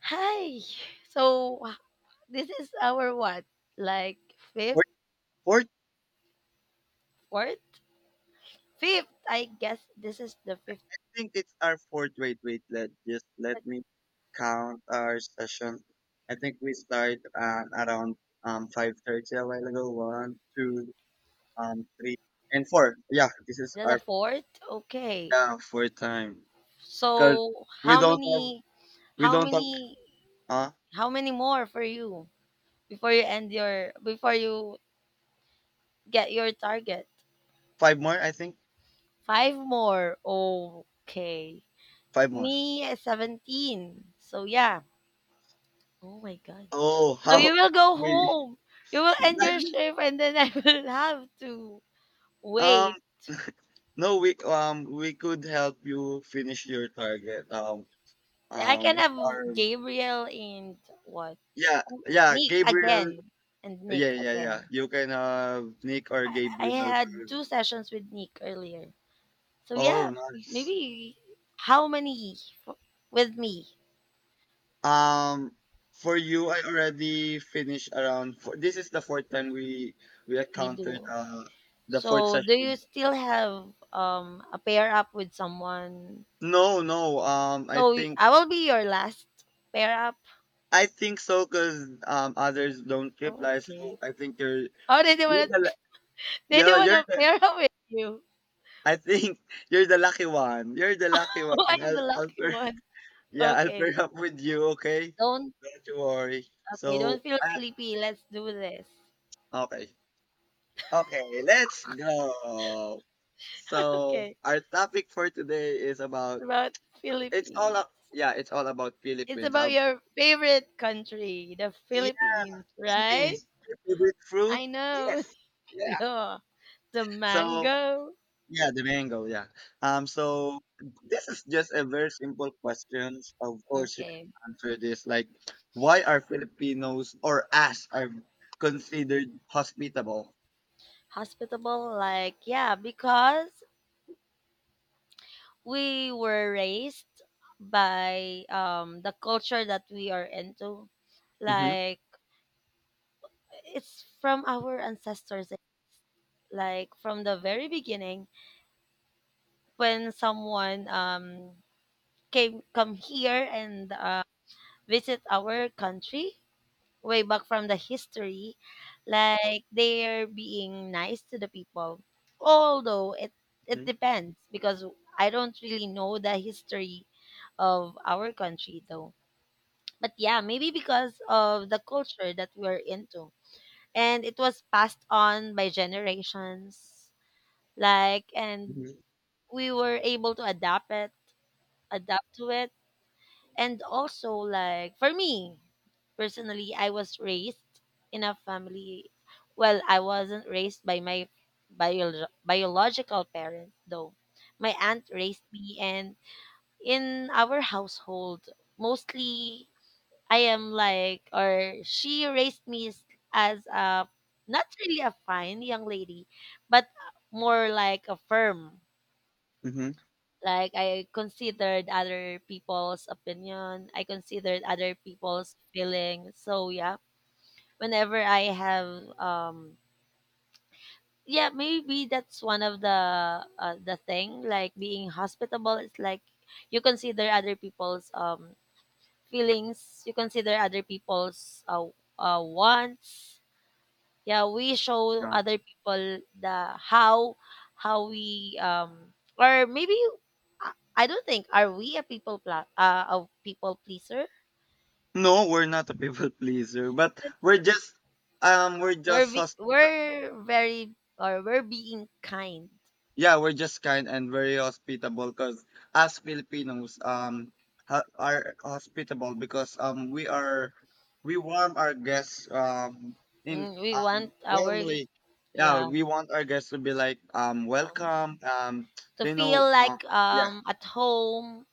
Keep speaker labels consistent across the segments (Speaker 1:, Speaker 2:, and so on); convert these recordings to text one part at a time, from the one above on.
Speaker 1: Hi. So uh, this is our what? Like fifth,
Speaker 2: Fourth, fourth,
Speaker 1: fourth, fifth. I guess this is the fifth,
Speaker 2: I think it's our fourth. Wait, wait, let me count our session. I think we start around 5:30 a while ago. One, two, three, and four. Yeah, this is
Speaker 1: the
Speaker 2: our,
Speaker 1: fourth. Okay.
Speaker 2: yeah, fourth time because
Speaker 1: So
Speaker 2: we
Speaker 1: how
Speaker 2: don't have
Speaker 1: many?
Speaker 2: we
Speaker 1: How
Speaker 2: don't have
Speaker 1: many?
Speaker 2: uh
Speaker 1: How many more for you before you end your before you get your target?
Speaker 2: five more. I think
Speaker 1: Five more. Okay.
Speaker 2: five more.
Speaker 1: Me is 17. So yeah. Oh my god.
Speaker 2: Oh,
Speaker 1: So
Speaker 2: how
Speaker 1: you will go
Speaker 2: we
Speaker 1: home. You will end your shift, and then I will have to
Speaker 2: um
Speaker 1: wait,
Speaker 2: no, we could help you finish your target
Speaker 1: I can
Speaker 2: with
Speaker 1: have
Speaker 2: our…
Speaker 1: Gabriel and what?
Speaker 2: Yeah,
Speaker 1: Who-
Speaker 2: yeah,
Speaker 1: Nick
Speaker 2: Gabriel.
Speaker 1: again and
Speaker 2: Yeah,
Speaker 1: Nick
Speaker 2: yeah, yeah.
Speaker 1: again.
Speaker 2: You can have Nick or
Speaker 1: I
Speaker 2: Gabriel.
Speaker 1: had two sessions with Nick earlier. So yeah,
Speaker 2: Oh, nice.
Speaker 1: maybe how many f- with me
Speaker 2: Um, for you, I already finished around four. This is the fourth time we
Speaker 1: we
Speaker 2: encountered
Speaker 1: do.
Speaker 2: the fourth
Speaker 1: So do you
Speaker 2: session.
Speaker 1: still have a pair up with someone?
Speaker 2: No, no.
Speaker 1: So I will be your last pair up.
Speaker 2: I think so because others don't reply.
Speaker 1: Okay.
Speaker 2: So I think
Speaker 1: Oh, they don't
Speaker 2: you're
Speaker 1: want
Speaker 2: the
Speaker 1: to.
Speaker 2: la-
Speaker 1: They don't
Speaker 2: yeah
Speaker 1: want
Speaker 2: you're
Speaker 1: to
Speaker 2: the…
Speaker 1: pair up with you.
Speaker 2: I think you're the lucky one. You're the lucky one.
Speaker 1: I'm the
Speaker 2: I'll
Speaker 1: lucky one.
Speaker 2: Yeah, I'll pair
Speaker 1: Okay.
Speaker 2: up with you, okay?
Speaker 1: Don't
Speaker 2: Don't you worry.
Speaker 1: okay, don't
Speaker 2: So,
Speaker 1: feel sleepy. Let's do this.
Speaker 2: okay. Okay, let's go. So,
Speaker 1: Okay,
Speaker 2: our topic for today is
Speaker 1: it's
Speaker 2: about…
Speaker 1: about Philippines.
Speaker 2: it's all about
Speaker 1: It's
Speaker 2: Philippines.
Speaker 1: about
Speaker 2: How
Speaker 1: your favorite country, the
Speaker 2: Yeah,
Speaker 1: Philippines, right?
Speaker 2: Philippines. Your favorite fruit?
Speaker 1: I know.
Speaker 2: Yes. Yeah.
Speaker 1: Yeah, the
Speaker 2: So,
Speaker 1: mango.
Speaker 2: yeah, the mango. Yeah. So this is just a very simple question. Of course, you
Speaker 1: Okay.
Speaker 2: can answer this. Like, why are Filipinos or us are considered hospitable?
Speaker 1: Hospitable, like, yeah, because we were raised by the culture that we are into.
Speaker 2: Mm-hmm.
Speaker 1: Like, it's from our ancestors, like, from the very beginning, when someone came come here and visit our country way back from the history like they're being nice to the people although it
Speaker 2: Mm-hmm.
Speaker 1: depends because I don't really know the history of our country though. But yeah, maybe because of the culture that we're into, and it was passed on by generations, like, and
Speaker 2: Mm-hmm.
Speaker 1: we were able to adapt to it. And also, like, for me personally, I was raised in a family. Well, I wasn't raised by my biological parents, though. My aunt raised me, and in our household, mostly I am like, or she raised me as a not really a fine young lady, but more like a firm,
Speaker 2: Mm-hmm,
Speaker 1: like I considered other people's opinion, I considered other people's feelings. So yeah, whenever I have yeah, maybe that's one of the thing like being hospitable. It's like you consider other people's feelings, you consider other people's wants. Yeah, we show
Speaker 2: yeah.
Speaker 1: other people the how we or maybe I I don't think are we a people a people pleaser?
Speaker 2: No, we're not a people pleaser, but we're just
Speaker 1: We're very or we're being kind.
Speaker 2: yeah, we're just kind and very hospitable because as Filipinos, are hospitable because we are we warm our guests in
Speaker 1: Mm, we want our,
Speaker 2: warmly. Yeah,
Speaker 1: yeah,
Speaker 2: we want our guests to be like
Speaker 1: um,
Speaker 2: welcome.
Speaker 1: to
Speaker 2: They
Speaker 1: feel
Speaker 2: know.
Speaker 1: like
Speaker 2: Yeah,
Speaker 1: at home,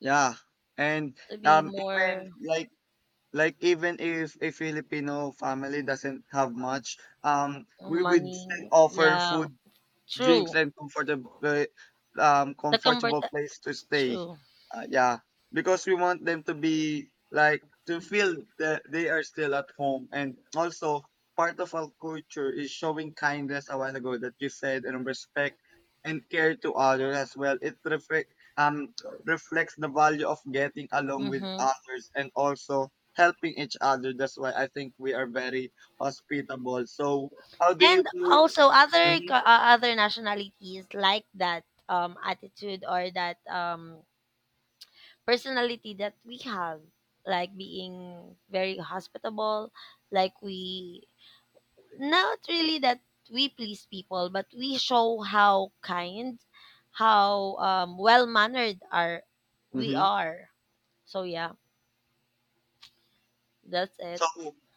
Speaker 2: yeah, and
Speaker 1: to be more
Speaker 2: even like even if a Filipino family doesn't have much, we would
Speaker 1: money.
Speaker 2: still offer
Speaker 1: Yeah,
Speaker 2: food, drinks,
Speaker 1: true.
Speaker 2: and
Speaker 1: The comfort.
Speaker 2: comfortable place to stay.
Speaker 1: True.
Speaker 2: Yeah, because we want them to be like to feel that they are still at home, and also part of our culture is showing kindness, a while ago that you said, and respect and care to others as well. It reflect, um reflects the value of getting along with
Speaker 1: Mm-hmm.
Speaker 2: others and also helping each other. That's why I think we are very hospitable. So how do you…
Speaker 1: And also other
Speaker 2: Mhm.
Speaker 1: other nationalities like that attitude or that personality that we have, like being very hospitable, like we not really that we please people, but we show how kind, how well mannered are we
Speaker 2: Mhm.
Speaker 1: are. So yeah, that's it.
Speaker 2: So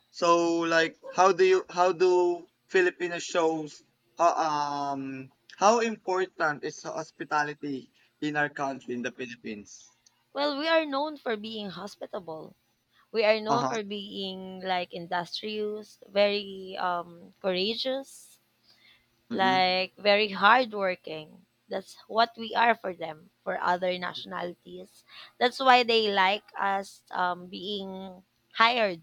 Speaker 2: so, like how do you how do Filipino shows ho- how important is hospitality in our country, in the Philippines?
Speaker 1: Well, we are known for being hospitable. We are known
Speaker 2: Uh-huh.
Speaker 1: for being like industrious, very courageous,
Speaker 2: Mm-hmm.
Speaker 1: like very hardworking. That's what we are for them, for other nationalities. That's why they like us being hired.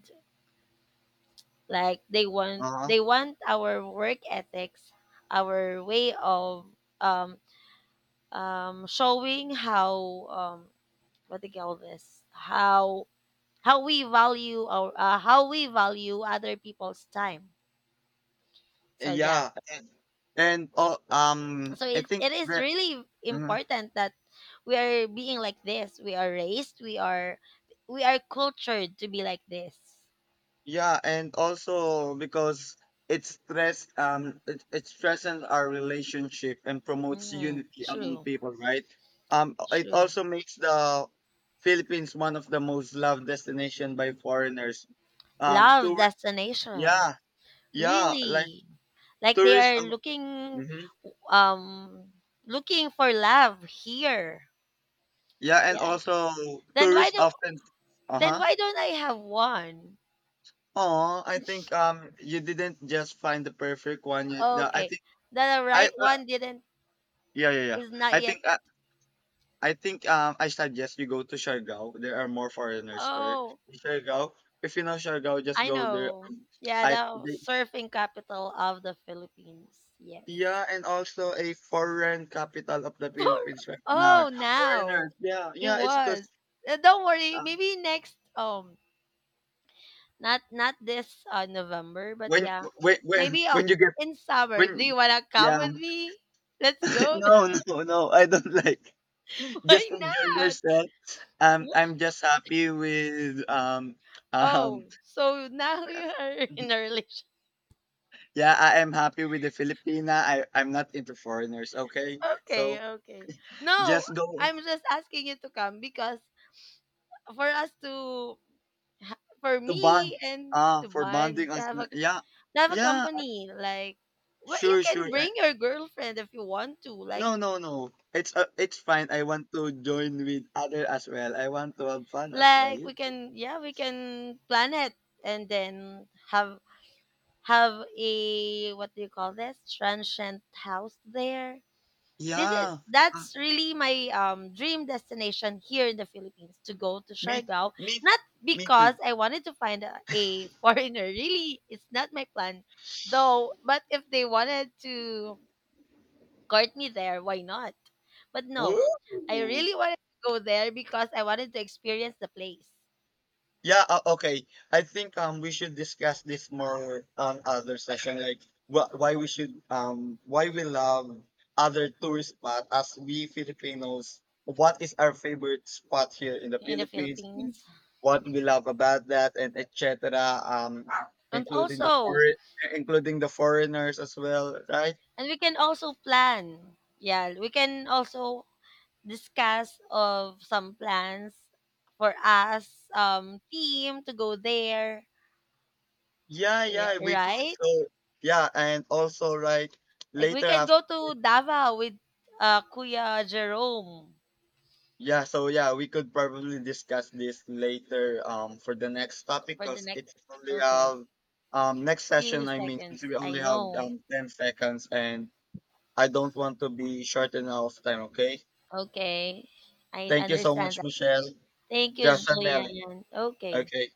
Speaker 1: Like they want
Speaker 2: Uh-huh.
Speaker 1: they want our work ethics, our way of um, showing how um, what they call this, how we value our how we value other people's time. So yeah,
Speaker 2: Yeah. And oh,
Speaker 1: so
Speaker 2: I
Speaker 1: it,
Speaker 2: think
Speaker 1: it is
Speaker 2: that,
Speaker 1: really important that we are being like this, we are raised, we are cultured to be like this.
Speaker 2: yeah, and also because it strengthens our relationship and promotes
Speaker 1: Mm,
Speaker 2: unity among
Speaker 1: true.
Speaker 2: people, right? It
Speaker 1: True.
Speaker 2: also makes the Philippines one of the most loved destination by foreigners.
Speaker 1: Love
Speaker 2: Tour
Speaker 1: destination.
Speaker 2: Yeah, yeah, like
Speaker 1: Really, like they
Speaker 2: tourists
Speaker 1: are
Speaker 2: of-
Speaker 1: looking
Speaker 2: Mhm.
Speaker 1: um looking for love here.
Speaker 2: Yeah, and
Speaker 1: Yeah,
Speaker 2: also
Speaker 1: then why
Speaker 2: tourists
Speaker 1: do
Speaker 2: often…
Speaker 1: then
Speaker 2: Uh-huh.
Speaker 1: why don't I have one?
Speaker 2: Oh, I think you didn't just find the perfect one yet. No, I
Speaker 1: Okay.
Speaker 2: think.
Speaker 1: The
Speaker 2: I
Speaker 1: right one didn't
Speaker 2: Yeah, yeah, yeah.
Speaker 1: is not
Speaker 2: I
Speaker 1: yet.
Speaker 2: think uh, I suggest you go to Siargao. There are more foreigners there.
Speaker 1: Oh,
Speaker 2: In Siargao, if you know Siargao, just
Speaker 1: I
Speaker 2: go there.
Speaker 1: know. Yeah,
Speaker 2: I
Speaker 1: the
Speaker 2: the,
Speaker 1: surfing capital of the Philippines. Yes.
Speaker 2: yeah, and also a foreign capital of the
Speaker 1: For-
Speaker 2: Philippines right now.
Speaker 1: oh, now
Speaker 2: Foreigners, yeah,
Speaker 1: it
Speaker 2: yeah. It's
Speaker 1: was.
Speaker 2: because
Speaker 1: Don't worry.
Speaker 2: um,
Speaker 1: Maybe next not not this November, but
Speaker 2: when
Speaker 1: yeah.
Speaker 2: when when
Speaker 1: Maybe
Speaker 2: when you get…
Speaker 1: in summer. Do you
Speaker 2: when
Speaker 1: want to come
Speaker 2: yeah
Speaker 1: with me? Let's go.
Speaker 2: no, no, no, I don't like, just
Speaker 1: Why
Speaker 2: enjoy
Speaker 1: not?
Speaker 2: yourself. I'm just happy with um
Speaker 1: Oh, so now you are in a relationship.
Speaker 2: yeah, I am happy with the Filipina. I'm not into foreigners, okay? So
Speaker 1: Okay, okay. No,
Speaker 2: just go…
Speaker 1: I'm just asking you to come because for us to, for
Speaker 2: to bond.
Speaker 1: me and
Speaker 2: Ah,
Speaker 1: to
Speaker 2: for
Speaker 1: bond,
Speaker 2: bonding, on, yeah.
Speaker 1: to have a
Speaker 2: Yeah,
Speaker 1: company, like, well, you
Speaker 2: sure, sure.
Speaker 1: can
Speaker 2: Eh.
Speaker 1: bring your girlfriend if you want to,
Speaker 2: No, no, no. It's fine. I want to join with other as well. I want to have fun as well.
Speaker 1: like we can, yeah, we can plan it and then have a what do you call this transient house there. This is
Speaker 2: Yeah. Ah,
Speaker 1: that's really my dream destination here in the Philippines to go to
Speaker 2: me
Speaker 1: Siargao.
Speaker 2: me
Speaker 1: Not
Speaker 2: me too.
Speaker 1: because I wanted to find a foreigner. Really, it's not my plan, though. But if they wanted to court me there, why not? But no, I
Speaker 2: Woo!
Speaker 1: really wanted to go there because I wanted to experience the place
Speaker 2: Yeah, okay. I think we should discuss this more on other session, like why we should… why we love other tourist spot as we Filipinos. What is our favorite spot here in the
Speaker 1: in the
Speaker 2: Philippines? And
Speaker 1: Philippines,
Speaker 2: what we love about that, and etc. Um,
Speaker 1: and
Speaker 2: including the
Speaker 1: also,
Speaker 2: foreign, including the foreigners as well, right?
Speaker 1: and we can also plan. Yeah, we can also discuss of some plans for us team to go there.
Speaker 2: Yeah,
Speaker 1: Yeah,
Speaker 2: yeah, we could.
Speaker 1: right,
Speaker 2: So yeah, and also like
Speaker 1: like we
Speaker 2: later
Speaker 1: can
Speaker 2: after.
Speaker 1: go to Davao with Kuya Jerome
Speaker 2: Yeah, so yeah, we could probably discuss this later for the next topic
Speaker 1: for the
Speaker 2: because
Speaker 1: next.
Speaker 2: it's only
Speaker 1: Okay.
Speaker 2: have next
Speaker 1: Few
Speaker 2: session, I mean,
Speaker 1: seconds,
Speaker 2: since we
Speaker 1: I
Speaker 2: only have
Speaker 1: know.
Speaker 2: 10 seconds and I don't want to be short enough time, okay?
Speaker 1: Okay, I
Speaker 2: Thank you so
Speaker 1: understand
Speaker 2: much,
Speaker 1: that.
Speaker 2: Michelle.
Speaker 1: Thank you,
Speaker 2: Just a minute.
Speaker 1: Julian. Okay.
Speaker 2: Okay.